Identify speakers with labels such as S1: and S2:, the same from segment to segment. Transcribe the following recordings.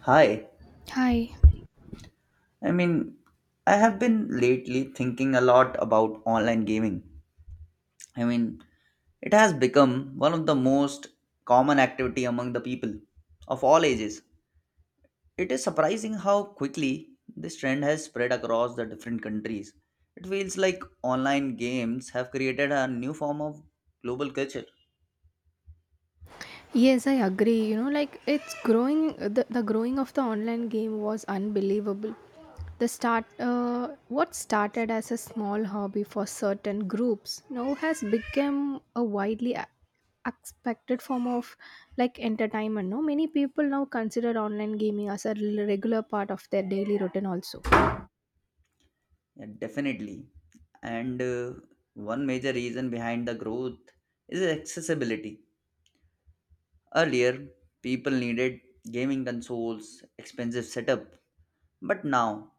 S1: Hi,
S2: Hi.
S1: I mean, I have been lately thinking a lot about online gaming. I mean, it has become one of the most common activity among the people of all ages. It is surprising how quickly this trend has spread across the different countries. It feels like online games have created a new form of global culture.
S2: Yes, I agree. You know, like it's growing. The growing of the online game was unbelievable. What started as a small hobby for certain groups now has become a widely expected form of like entertainment. No, many people now consider online gaming as a regular part of their daily routine. Also.
S1: Yeah, definitely. And one major reason behind the growth is accessibility. Earlier, people needed gaming consoles, expensive setup, but now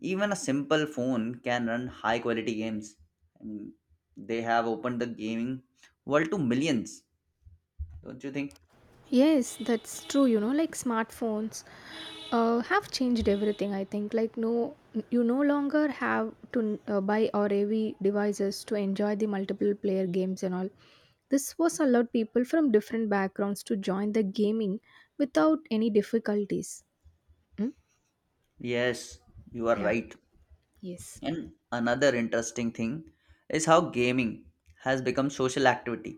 S1: even a simple phone can run high quality games. I mean, they have opened the gaming world to millions, don't you think?
S2: Yes, that's true. You know, like smartphones have changed everything, I think. Like, no, you no longer have to buy or AV devices to enjoy the multiple player games and all. This was allowed people from different backgrounds to join the gaming without any difficulties. Mm?
S1: Yes, you are
S2: Yeah,
S1: right.
S2: yes.
S1: And another interesting thing is how gaming has become social activity.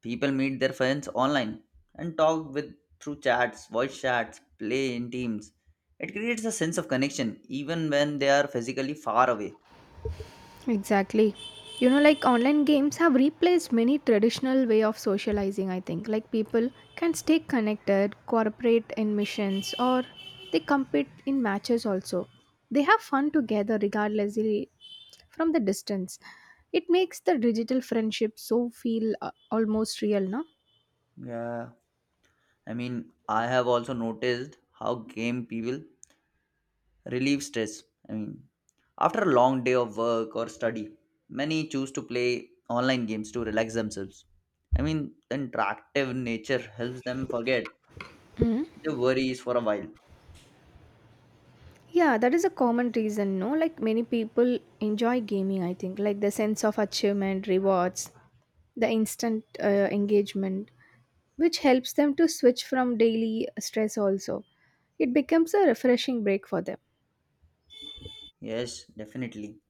S1: People meet their friends online and talk with through chats, voice chats, play in teams. It creates a sense of connection even when they are physically far away.
S2: Exactly. You know, like online games have replaced many traditional way of socializing, I think. Like people can stay connected, cooperate in missions, or they compete in matches also. They have fun together regardless from the distance. It makes the digital friendship so feel almost real, no?
S1: Yeah. I mean, I have also noticed how game people relieve stress. I mean, after a long day of work or study, many choose to play online games to relax themselves. I mean, the interactive nature helps them forget their worries for a while.
S2: Yeah, that is a common reason, no? Like many people enjoy gaming, I think, like the sense of achievement, rewards, the instant engagement, which helps them to switch from daily stress also. It becomes a refreshing break for them.
S1: Yes, definitely.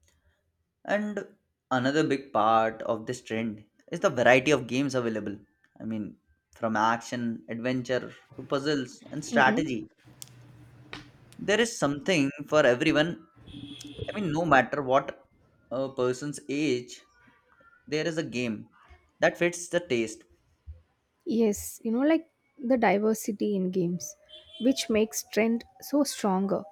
S1: And another big part of this trend is the variety of games available. I mean, from action, adventure to puzzles and
S2: Mm-mm.
S1: strategy, there is something for everyone. I mean, no matter what a person's age, there is a game that fits the taste.
S2: Yes, you know, like the diversity in games, which makes trend so stronger.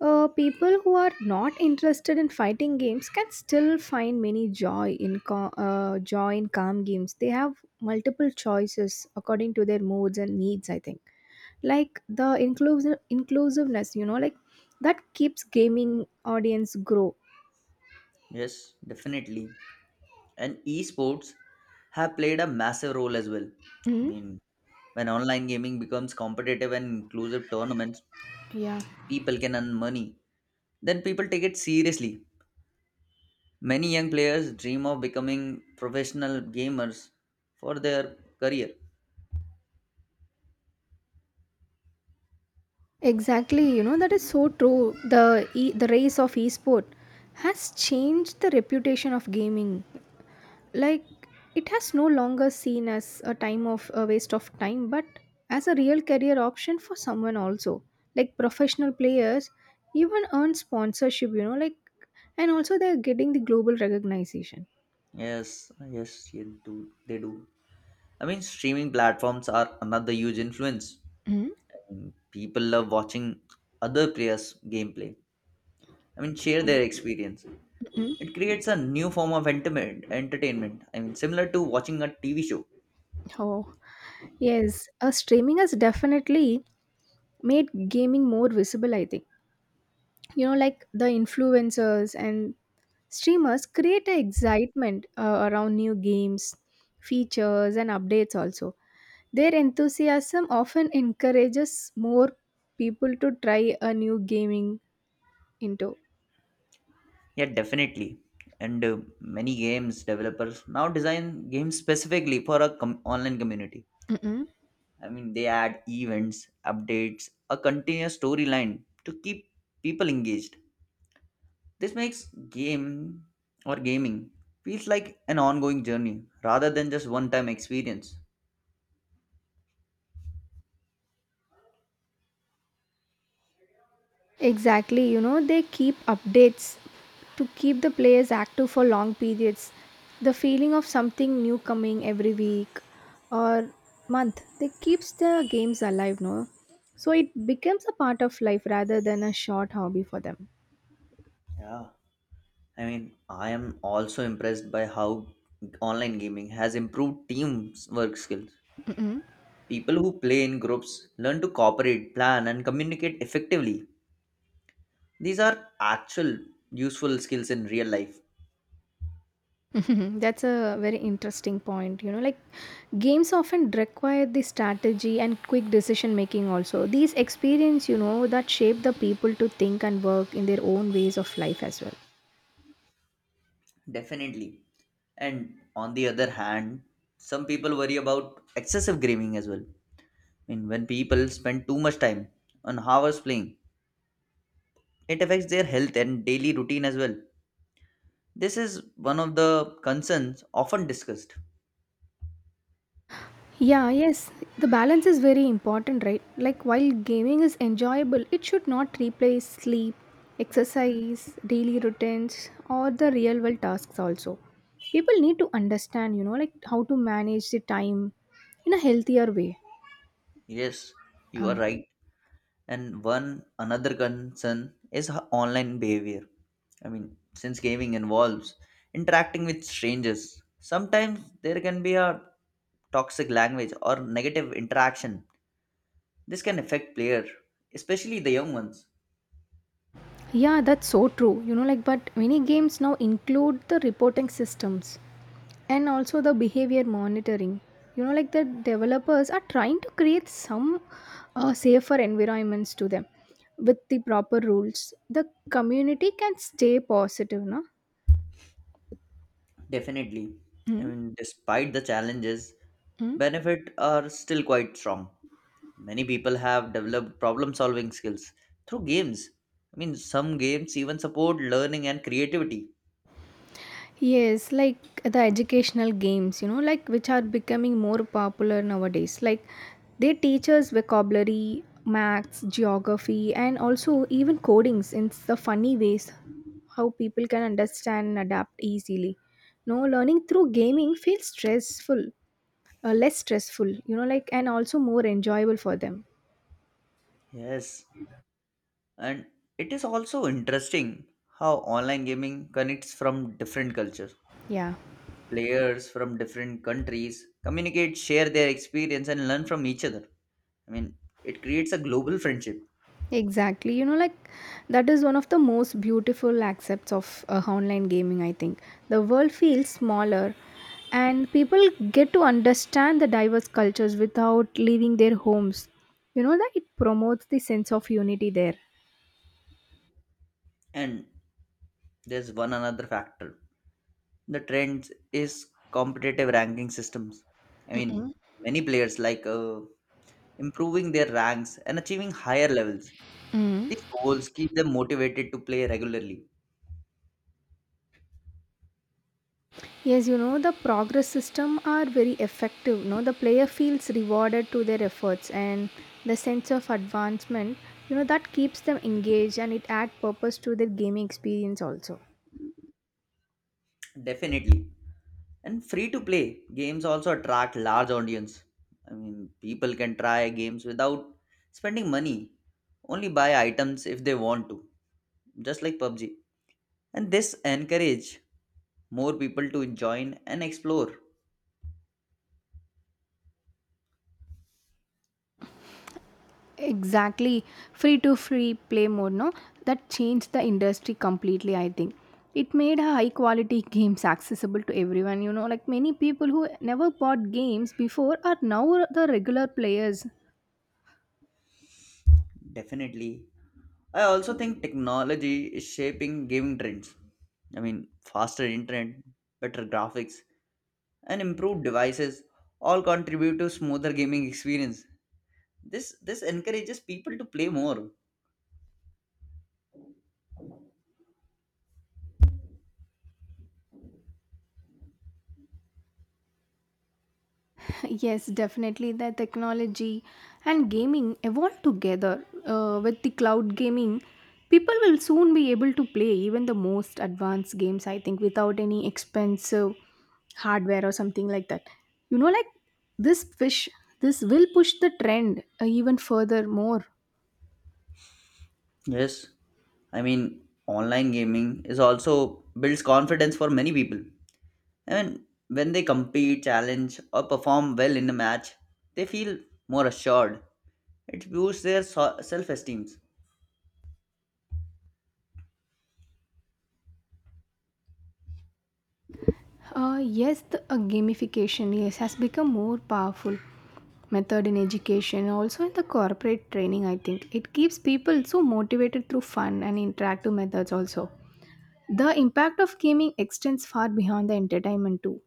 S2: People who are not interested in fighting games can still find many joy in calm games. They have multiple choices according to their moods and needs. I think like the inclusiveness, you know, like that keeps gaming audience grow.
S1: Yes, definitely. And esports have played a massive role as well. I
S2: Mhm.
S1: mean, when online gaming becomes competitive and inclusive tournaments,
S2: Yeah,
S1: people can earn money. Then people take it seriously. Many young players dream of becoming professional gamers for their career.
S2: exactly. You know that is so true. The race of esport has changed the reputation of gaming like it has no longer seen as a time of a waste of time but as a real career option for someone also, like professional players even earn sponsorship, you know, like, and also they're getting the global recognition.
S1: Yes, yes, you do. They do. I mean, streaming platforms are another huge influence.
S2: Mm.
S1: And people love watching other players' gameplay. I mean, share their experience.
S2: Mm.
S1: It creates a new form of entertainment. Entertainment. I mean, similar to watching a TV show.
S2: Oh, yes. Streaming has definitely made gaming more visible, I think. You know, like the influencers and streamers create a excitement around new games, features and updates also. Their enthusiasm often encourages more people to try a new gaming into.
S1: Yeah, definitely. And many games developers now design games specifically for a online community.
S2: Mm-mm.
S1: I mean, they add events, updates, a continuous storyline to keep people engaged. This makes game or gaming feels like an ongoing journey rather than just one-time experience.
S2: Exactly, you know, they keep updates to keep the players active for long periods. The feeling of something new coming every week or month, they keeps the games alive, no? So it becomes a part of life rather than a short hobby for them.
S1: Yeah, I mean, I am also impressed by how online gaming has improved teamwork skills. People who play in groups learn to cooperate, plan, and communicate effectively. These are actual useful skills in real life.
S2: That's a very interesting point. You know, like games often require the strategy and quick decision making also. These experience, you know, that shape the people to think and work in their own ways of life as well.
S1: Definitely. And on the other hand, some people worry about excessive gaming as well. I mean, when people spend too much time on hours playing, it affects their health and daily routine as well. This is one of the concerns often discussed.
S2: Yeah, yes. The balance is very important, right? Like while gaming is enjoyable, it should not replace sleep, exercise, daily routines, or the real world tasks also. People need to understand, you know, like how to manage the time in a healthier way.
S1: Yes, you are
S2: Uh,
S1: right. And one another concern is online behavior. I mean, since gaming involves interacting with strangers, sometimes there can be a toxic language or negative interaction. This can affect player, especially the young ones.
S2: Yeah, that's so true. You know, like, but many games now include the reporting systems and also the behavior monitoring. You know, like, the developers are trying to create some safer environments to them with the proper rules. The community can stay positive, no?
S1: Definitely. I
S2: Mm-hmm.
S1: mean, despite the challenges, benefit are still quite strong. Many people have developed problem solving skills through games. I mean, some games even support learning and creativity.
S2: Yes, like the educational games, you know, like which are becoming more popular nowadays. Like they teach us vocabulary, maths, geography, and also even codings in the funny ways how people can understand and adapt easily. No, learning through gaming feels stressful, less stressful, you know, like and also more enjoyable for them.
S1: Yes, and it is also interesting how online gaming connects from different cultures.
S2: Yeah.
S1: Players from different countries communicate, share their experience, and learn from each other. I mean, it creates a global friendship.
S2: Exactly. You know, like that is one of the most beautiful aspects of online gaming, I think. The world feels smaller and people get to understand the diverse cultures without leaving their homes. You know, that it promotes the sense of unity there.
S1: And there's one another factor, the trends is competitive ranking systems. I mean, many players like improving their ranks and achieving higher levels. These goals keep them motivated to play regularly.
S2: Yes, you know, the progress system are very effective. You know, the player feels rewarded to their efforts and the sense of advancement, you know, that keeps them engaged and it adds purpose to their gaming experience also.
S1: Definitely. And free to play games also attract large audience. I mean, people can try games without spending money, only buy items if they want to, just like PUBG. And this encourage more people to join and explore.
S2: Exactly. Free play mode, no? That changed the industry completely, I think. It made high quality games accessible to everyone, you know, like many people who never bought games before are now the regular players.
S1: Definitely. I also think technology is shaping gaming trends. I mean, faster internet, better graphics, and improved devices all contribute to smoother gaming experience. This encourages people to play more.
S2: Yes, definitely. The technology and gaming evolve together. With the cloud gaming, people will soon be able to play even the most advanced games, I think, without any expensive hardware or something like that. You know, like this fish, this will push the trend even further more.
S1: Yes. I mean, online gaming is also builds confidence for many people. I mean, when they compete, challenge, or perform well in a match, they feel more assured. It boosts their self esteem.
S2: Yes, the gamification yes has become more powerful method in education, also in the corporate training. I think it keeps people so motivated through fun and interactive methods. Also, the impact of gaming extends far beyond the entertainment too.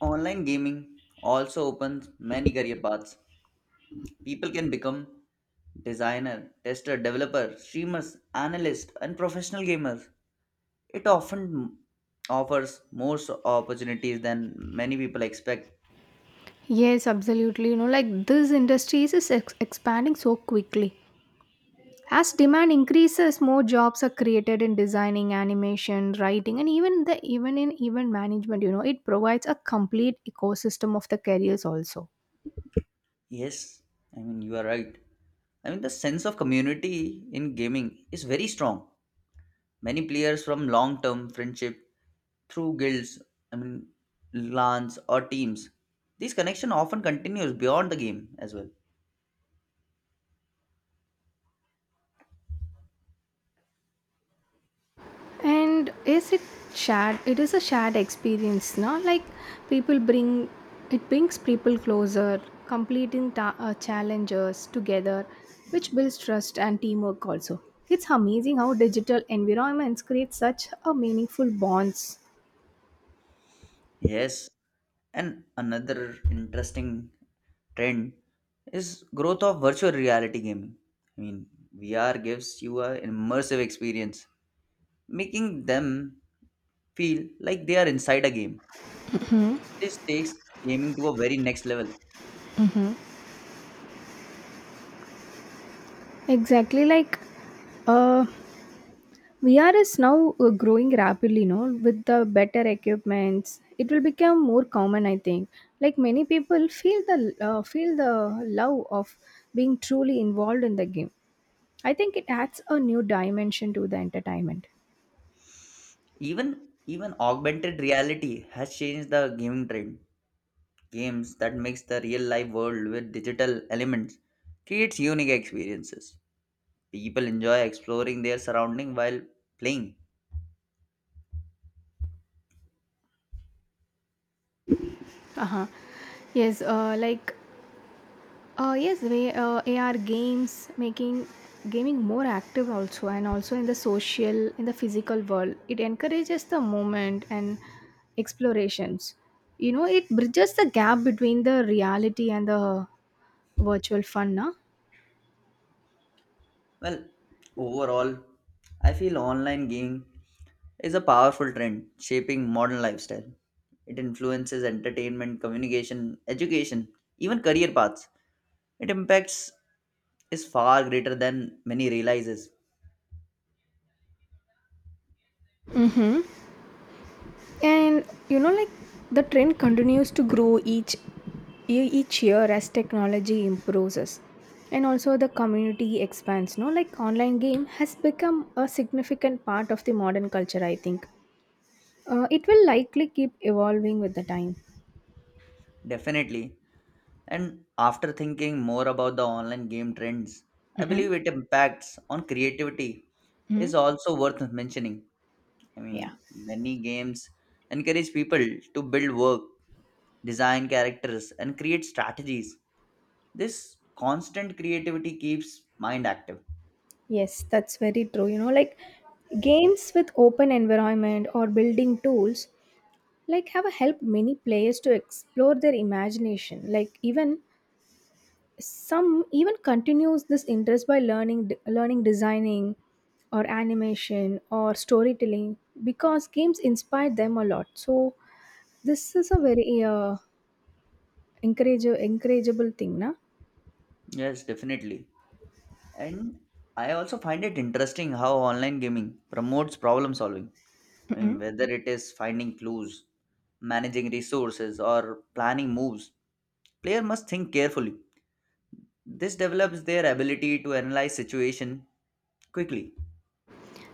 S1: Online gaming also opens many career paths. People can become designer, tester, developer, streamers, analyst, and professional gamers. It often offers more opportunities than many people expect.
S2: Yes, absolutely. You know, like this industry is expanding so quickly. As demand increases, more jobs are created in designing, animation, writing, and even in event management. You know, it provides a complete ecosystem of the careers also.
S1: Yes, I mean, you are right. I mean, the sense of community in gaming is very strong. Many players from long term friendship through guilds, I mean, LANs, or teams. These connection often continues beyond the game as well.
S2: And is it shared? It is a shared experience, no? Like people bring it brings people closer, completing challenges together, which builds trust and teamwork also. It's amazing how digital environments create such a meaningful bonds.
S1: Yes, and another interesting trend is growth of virtual reality gaming. I mean, VR gives you an immersive experience, making them feel like they are inside a game. This takes gaming to a very next level.
S2: Exactly like uh VR is now growing rapidly, no, with the better equipments. It will become more common, I think. Like many people feel the love of being truly involved in the game. I think it adds a new dimension to the entertainment.
S1: Even augmented reality has changed the gaming trend. Games that mix the real life world with digital elements creates unique experiences. People enjoy exploring their surrounding while playing.
S2: Uh-huh. Yes, uh, like yes, way AR games making gaming more active also, and also in the social, in the physical world, it encourages the movement and explorations. You know, it bridges the gap between the reality and the virtual fun, na?
S1: Well, overall, I feel online gaming is a powerful trend shaping modern lifestyle. It influences entertainment, communication, education, even career paths. It impacts is far greater than many realizes.
S2: Mm-hmm. And you know, like the trend continues to grow each year as technology improves, us, and also the community expands. No, like online game has become a significant part of the modern culture. I think it will likely keep evolving with the time.
S1: Definitely. And after thinking more about the online game trends, I believe it impacts on creativity
S2: Hmm.
S1: is also worth mentioning. I
S2: Yeah.
S1: mean, many games encourage people to build work, design characters, and create strategies. This constant creativity keeps mind active.
S2: Yes, that's very true. You know, like games with open environment or building tools like have helped many players to explore their imagination. Like even some even continues this interest by learning designing or animation or storytelling because games inspire them a lot. So this is a very encourage encourageable thing, na?
S1: Yes, definitely. And I also find it interesting how online gaming promotes problem solving. I mean,
S2: Mm-mm.
S1: whether it is finding clues, managing resources, or planning moves, player must think carefully. This develops their ability to analyze situation quickly.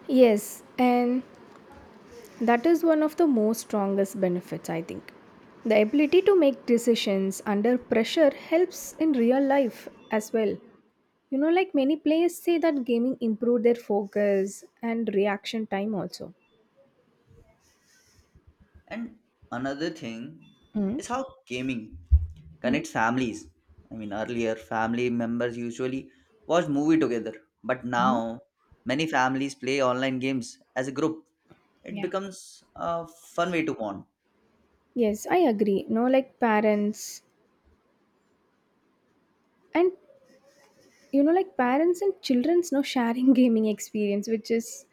S2: Yes, and that is one of the most strongest benefits, I think. The ability to make decisions under pressure helps in real life as well. You know, like many players say that gaming improved their focus and reaction time also.
S1: And another thing
S2: Mm-hmm.
S1: is how gaming
S2: Mm-hmm.
S1: connects families. I mean, earlier family members usually watch movie together, but now many families play online games as a group. It
S2: Yeah.
S1: becomes a fun way to bond.
S2: Yes, I agree. No, like parents and you know, like parents and children's now sharing gaming experience, which is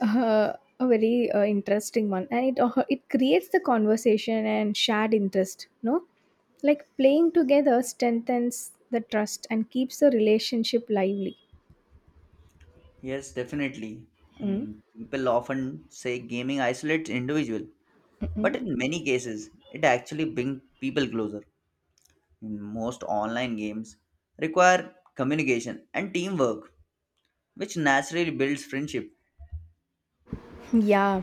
S2: uh, a very interesting one, and it creates the conversation and shared interest, no, like playing together strengthens the trust and keeps the relationship lively.
S1: Yes, definitely. I
S2: Mm.
S1: mean, people often say gaming isolates individual, but in many cases, it actually brings people closer. In most online games require communication and teamwork which naturally builds friendship.
S2: Yeah.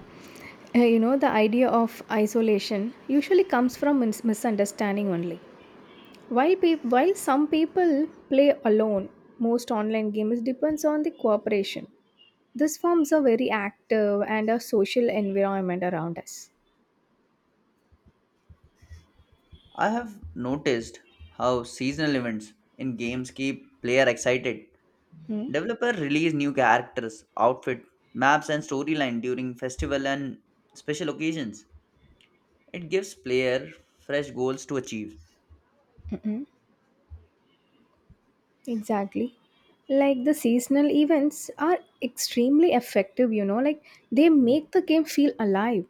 S2: You know the idea of isolation usually comes from misunderstanding only. While peop while some people play alone, most online games depends on the cooperation. This forms a very active and a social environment around us.
S1: I have noticed how seasonal events in games keep player excited.
S2: Hmm?
S1: Developer release new characters, outfit, maps and storyline during festival and special occasions. It gives player fresh goals to achieve.
S2: Mhm. Exactly. Like the seasonal events are extremely effective, you know, like they make the game feel alive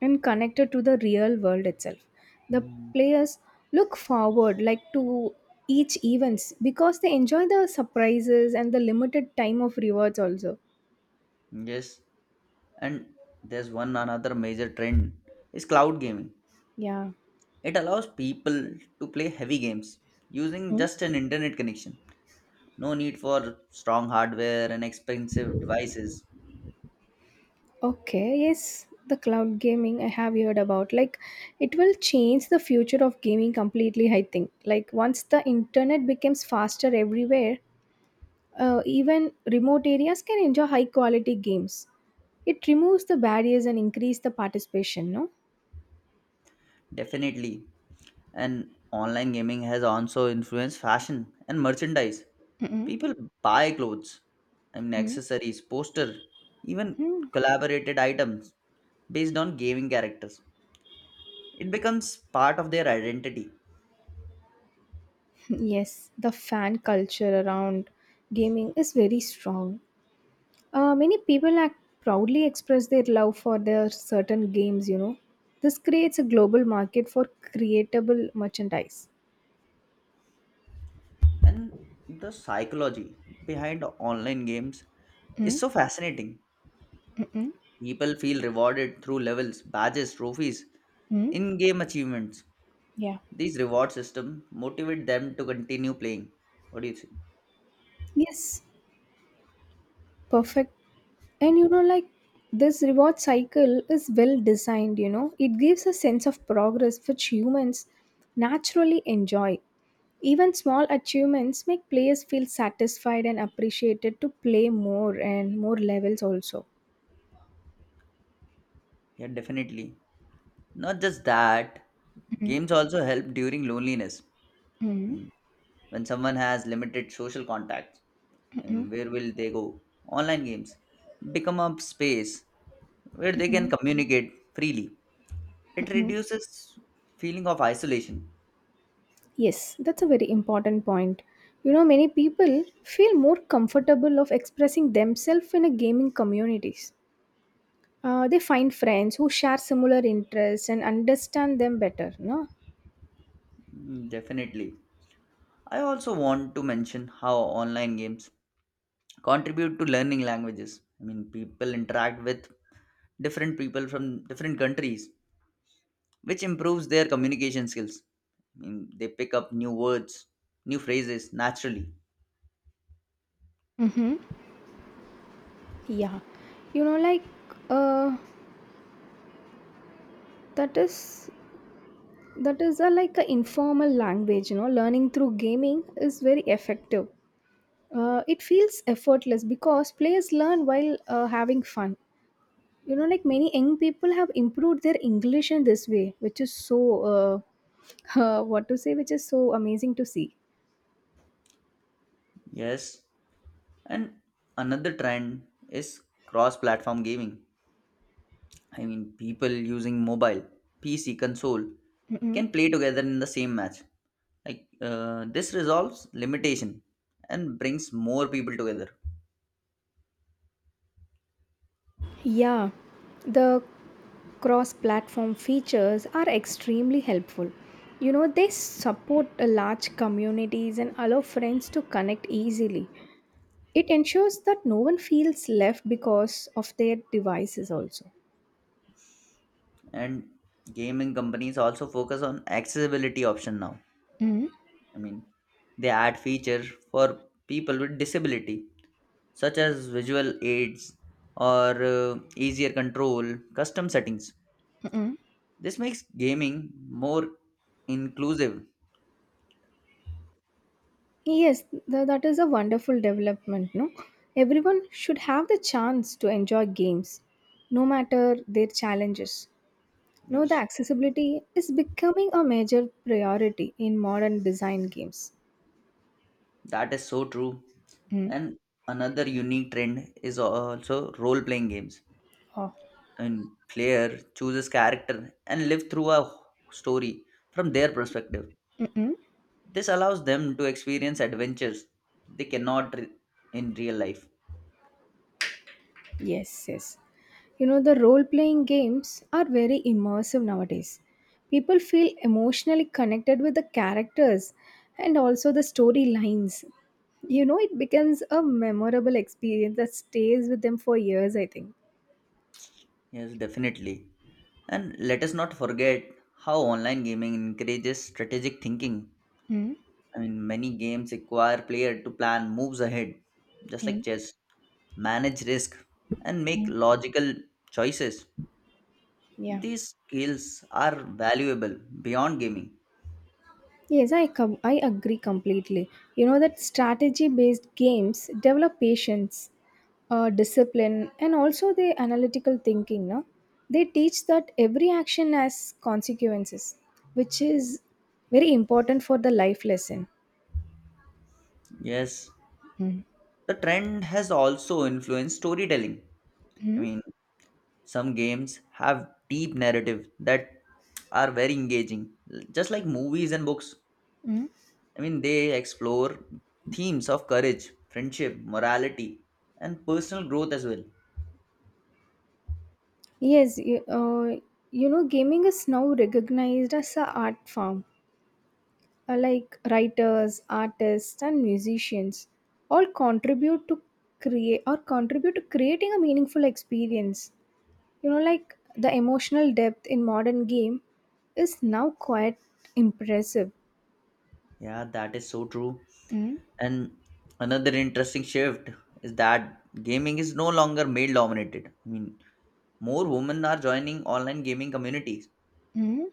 S2: and connected to the real world itself. The
S1: Hmm.
S2: players look forward like to each events because they enjoy the surprises and the limited time of rewards also.
S1: Yes, and there's one another major trend is cloud gaming.
S2: Yeah.
S1: It allows people to play heavy games using
S2: Hmm?
S1: just an internet connection. No need for strong hardware and expensive devices.
S2: Okay, yes, the cloud gaming I have heard about. Like, it will change the future of gaming completely, I think. Like, once the internet becomes faster everywhere, even remote areas can enjoy high quality games. It removes the barriers and increase the participation, no?
S1: Definitely. And online gaming has also influenced fashion and merchandise.
S2: Mm-mm.
S1: People buy clothes, I mean
S2: Mm.
S1: accessories, poster, even
S2: Mm.
S1: collaborated items based on gaming characters. It becomes part of their identity.
S2: Yes, the fan culture around gaming is very strong. Many people act proudly express their love for their certain games, you know. This creates a global market for creatable merchandise.
S1: And the psychology behind online games is
S2: Mm,
S1: so fascinating.
S2: mm, mm,
S1: People feel rewarded through levels, badges, trophies,
S2: mm.
S1: in-game achievements.
S2: Yeah.
S1: These reward systems motivate them to continue playing. What do you think?
S2: Yes. Perfect. And you know, like this reward cycle is well designed, you know, it gives a sense of progress which humans naturally enjoy. Even small achievements make players feel satisfied and appreciated to play more and more levels also.
S1: Yeah, definitely. Not just that,
S2: Mhm.
S1: games also help during loneliness. I
S2: Mhm.
S1: mean, when someone has limited social contacts, I
S2: Mhm.
S1: mean, where will they go? Online games become a space where they can communicate freely. It
S2: Mhm.
S1: reduces feeling of isolation.
S2: Yes, that's a very important point. You know, many people feel more comfortable of expressing themselves in a gaming communities. They find friends who share similar interests and understand them better, no?
S1: Mm. Definitely. I also want to mention how online games contribute to learning languages. I mean, people interact with different people from different countries which improves their communication skills. I mean, they pick up new words, new phrases naturally.
S2: Mm-hmm. Yeah. You know, like uh, that is that is a, like a informal language, you know, learning through gaming is very effective. It feels effortless because players learn while having fun. You know, like many young people have improved their English in this way, which is so which is so amazing to see.
S1: Yes. And another trend is cross platform gaming. I mean, people using mobile, PC, console
S2: Mm-hmm.
S1: can play together in the same match. Like, this resolves limitation and brings more people together.
S2: Yeah, the cross platform features are extremely helpful. You know, they support a large communities and allow friends to connect easily. It ensures that no one feels left because of their devices, also.
S1: And gaming companies also focus on accessibility option now.
S2: Mm.
S1: I mean, they add feature for people with disability such as visual aids or easier control, custom settings.
S2: Mm.
S1: This makes gaming more inclusive.
S2: Yes, that is a wonderful development, no? Everyone should have the chance to enjoy games, no matter their challenges. No, the
S1: Yes,
S2: accessibility is becoming a major priority in modern design games.
S1: that is so true.
S2: Mm.
S1: And another unique trend is also role playing games.
S2: Oh.
S1: And player chooses character and live through a story from their perspective.
S2: Mm-mm.
S1: This allows them to experience adventures they cannot in real life.
S2: Yes, yes. You know, the role playing games are very immersive nowadays. People feel emotionally connected with the characters and also the storylines. You know, it becomes a memorable experience that stays with them for years, I think.
S1: Yes, definitely. And let us not forget how online gaming encourages strategic thinking.
S2: Mm-hmm.
S1: I mean, many games require player to plan moves ahead, just like chess, manage risk, and make logical choices.
S2: Yeah.
S1: These skills are valuable beyond gaming.
S2: Yes, I agree completely. You know that strategy based games develop patience, discipline, and also the analytical thinking. No, they teach that every action has consequences, which is very important for the life lesson.
S1: Yes,
S2: Mm-hmm.
S1: the trend has also influenced storytelling. I mean, some games have deep narrative that are very engaging, just like movies and books.
S2: Mm-hmm.
S1: I mean, they explore themes of courage, friendship, morality, and personal growth as well.
S2: Yes, you know, gaming is now recognized as a art form like writers, artists, and musicians all contribute to create or contribute to creating a meaningful experience. You know, like the emotional depth in modern game is now quite impressive.
S1: Yeah, that is so true.
S2: Mm.
S1: And another interesting shift is that gaming is no longer male dominated. I mean, more women are joining online gaming communities.
S2: Mm.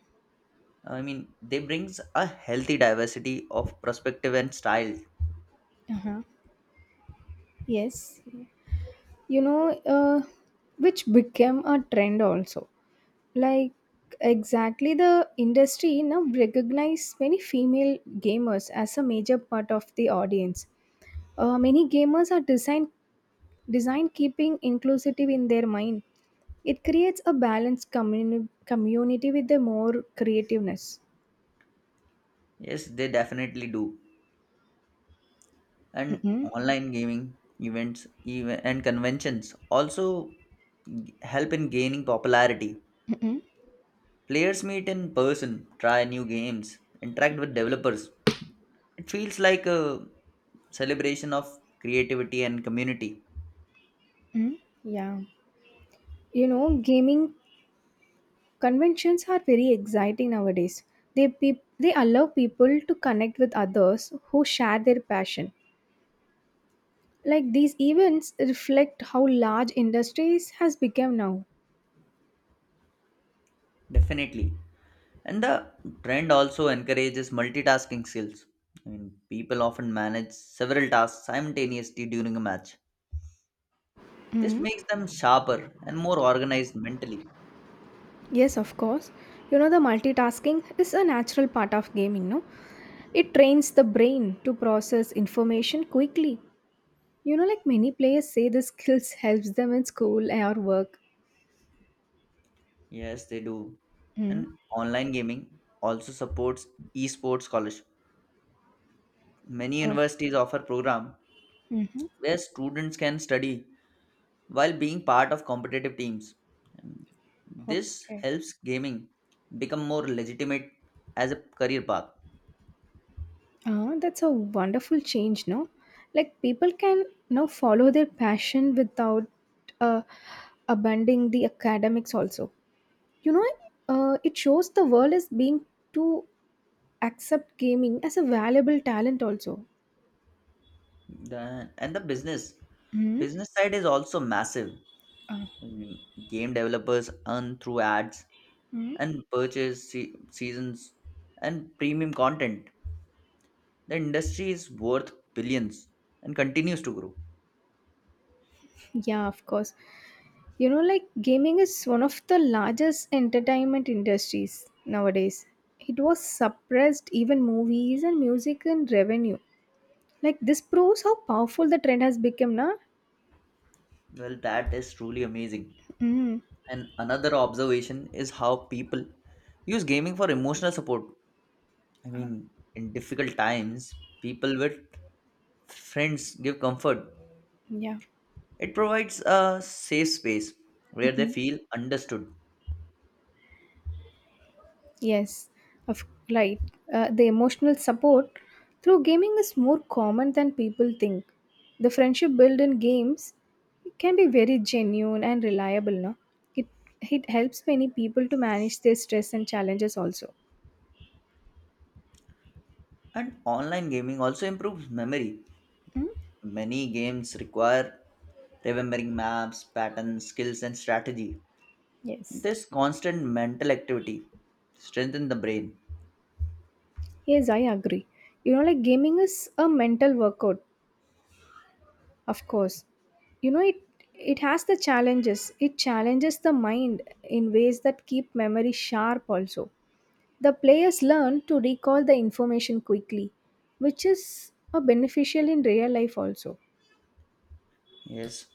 S1: I mean, they brings a healthy diversity of perspective and style.
S2: Uh-huh. Yes, you know, uh, which became a trend also. Like exactly the industry now recognize many female gamers as a major part of the audience. Many gamers are design keeping inclusive in their mind. It creates a balanced community with the more creativeness.
S1: Yes, they definitely do. And
S2: Mm-mm.
S1: online gaming events even, and conventions also help in gaining popularity.
S2: Mm-mm.
S1: Players meet in person, try new games, interact with developers. It feels like a celebration of creativity and community,
S2: Mm. Yeah, you know, gaming conventions are very exciting nowadays. They allow people to connect with others who share their passion. Like these events reflect how large industries has become now.
S1: definitely. And the trend also encourages multitasking skills. I mean, people often manage several tasks simultaneously during a match. This
S2: Mm.
S1: makes them sharper and more organized mentally.
S2: Yes, of course. You know, the multitasking is a natural part of gaming, no? It trains the brain to process information quickly. You know, like many players say, the skills helps them in school or work.
S1: Yes, they do.
S2: Mm.
S1: And online gaming also supports esports scholarship. Many
S2: Oh.
S1: universities offer program
S2: Mm-hmm.
S1: where students can study while being part of competitive teams. And this
S2: Okay.
S1: helps gaming become more legitimate as a career path.
S2: Oh, that's a wonderful change, no? Like people can now follow their passion without uh, abandoning the academics. Also, you know, it shows the world is being to accept gaming as a valuable talent. Also.
S1: And the business
S2: Mm.
S1: business side is also massive.
S2: Uh,
S1: Mm. Game developers earn through ads
S2: mm.
S1: and purchase seasons and premium content. The industry is worth billions and continues to grow.
S2: Yeah, of course. You know, like gaming is one of the largest entertainment industries nowadays. It was suppressed even movies and music and revenue. Like this proves how powerful the trend has become, na?
S1: Well, that is truly amazing.
S2: Mm.
S1: And another observation is how people use gaming for emotional support. I mean, in difficult times, people with friends give comfort.
S2: Yeah.
S1: It provides a safe space where they feel understood.
S2: Yes. Of right. The emotional support through gaming is more common than people think. The friendship built in games can be very genuine and reliable, no? It it helps many people to manage their stress and challenges also.
S1: And online gaming also improves memory.
S2: Hmm?
S1: Many games require remembering maps, patterns, skills, and strategy.
S2: Yes.
S1: This constant mental activity strengthens the brain.
S2: Yes, I agree. You know, like gaming is a mental workout, of course. You know, it has the challenges. It challenges the mind in ways that keep memory sharp also. The players learn to recall the information quickly, which is a beneficial in real life also.
S1: Yes.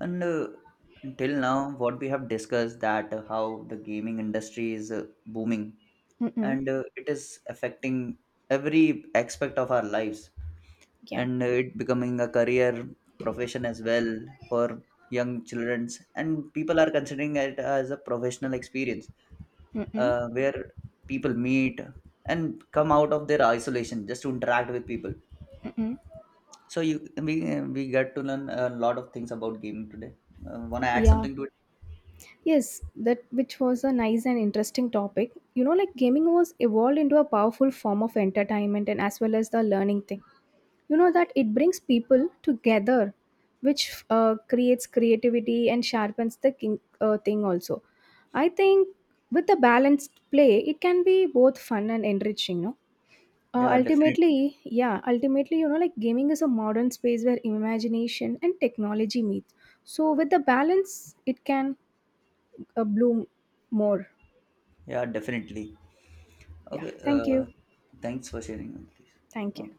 S1: And till now, what we have discussed that how the gaming industry is booming
S2: Mm-mm.
S1: and it is affecting every aspect of our lives
S2: Yeah.
S1: and it becoming a career profession as well for young children and people are considering it as a professional experience,
S2: Mm-mm.
S1: where people meet and come out of their isolation just to interact with people. So you we we get to learn a lot of things about gaming today. Wanna add
S2: Yeah.
S1: something to it?
S2: Yes, that which was a nice and interesting topic. You know, like gaming was evolved into a powerful form of entertainment and as well as the learning thing. You know that it brings people together which creates creativity and sharpens the thing also. I think with a balanced play it can be both fun and enriching, no? uh,
S1: Yeah,
S2: ultimately
S1: definitely.
S2: yeah ultimately, you know, like gaming is a modern space where imagination and technology meet. So with the balance it can bloom more.
S1: Yeah, definitely.
S2: Yeah,
S1: Okay.
S2: thank you.
S1: Thanks for sharing with this.
S2: Thank you.
S1: Okay.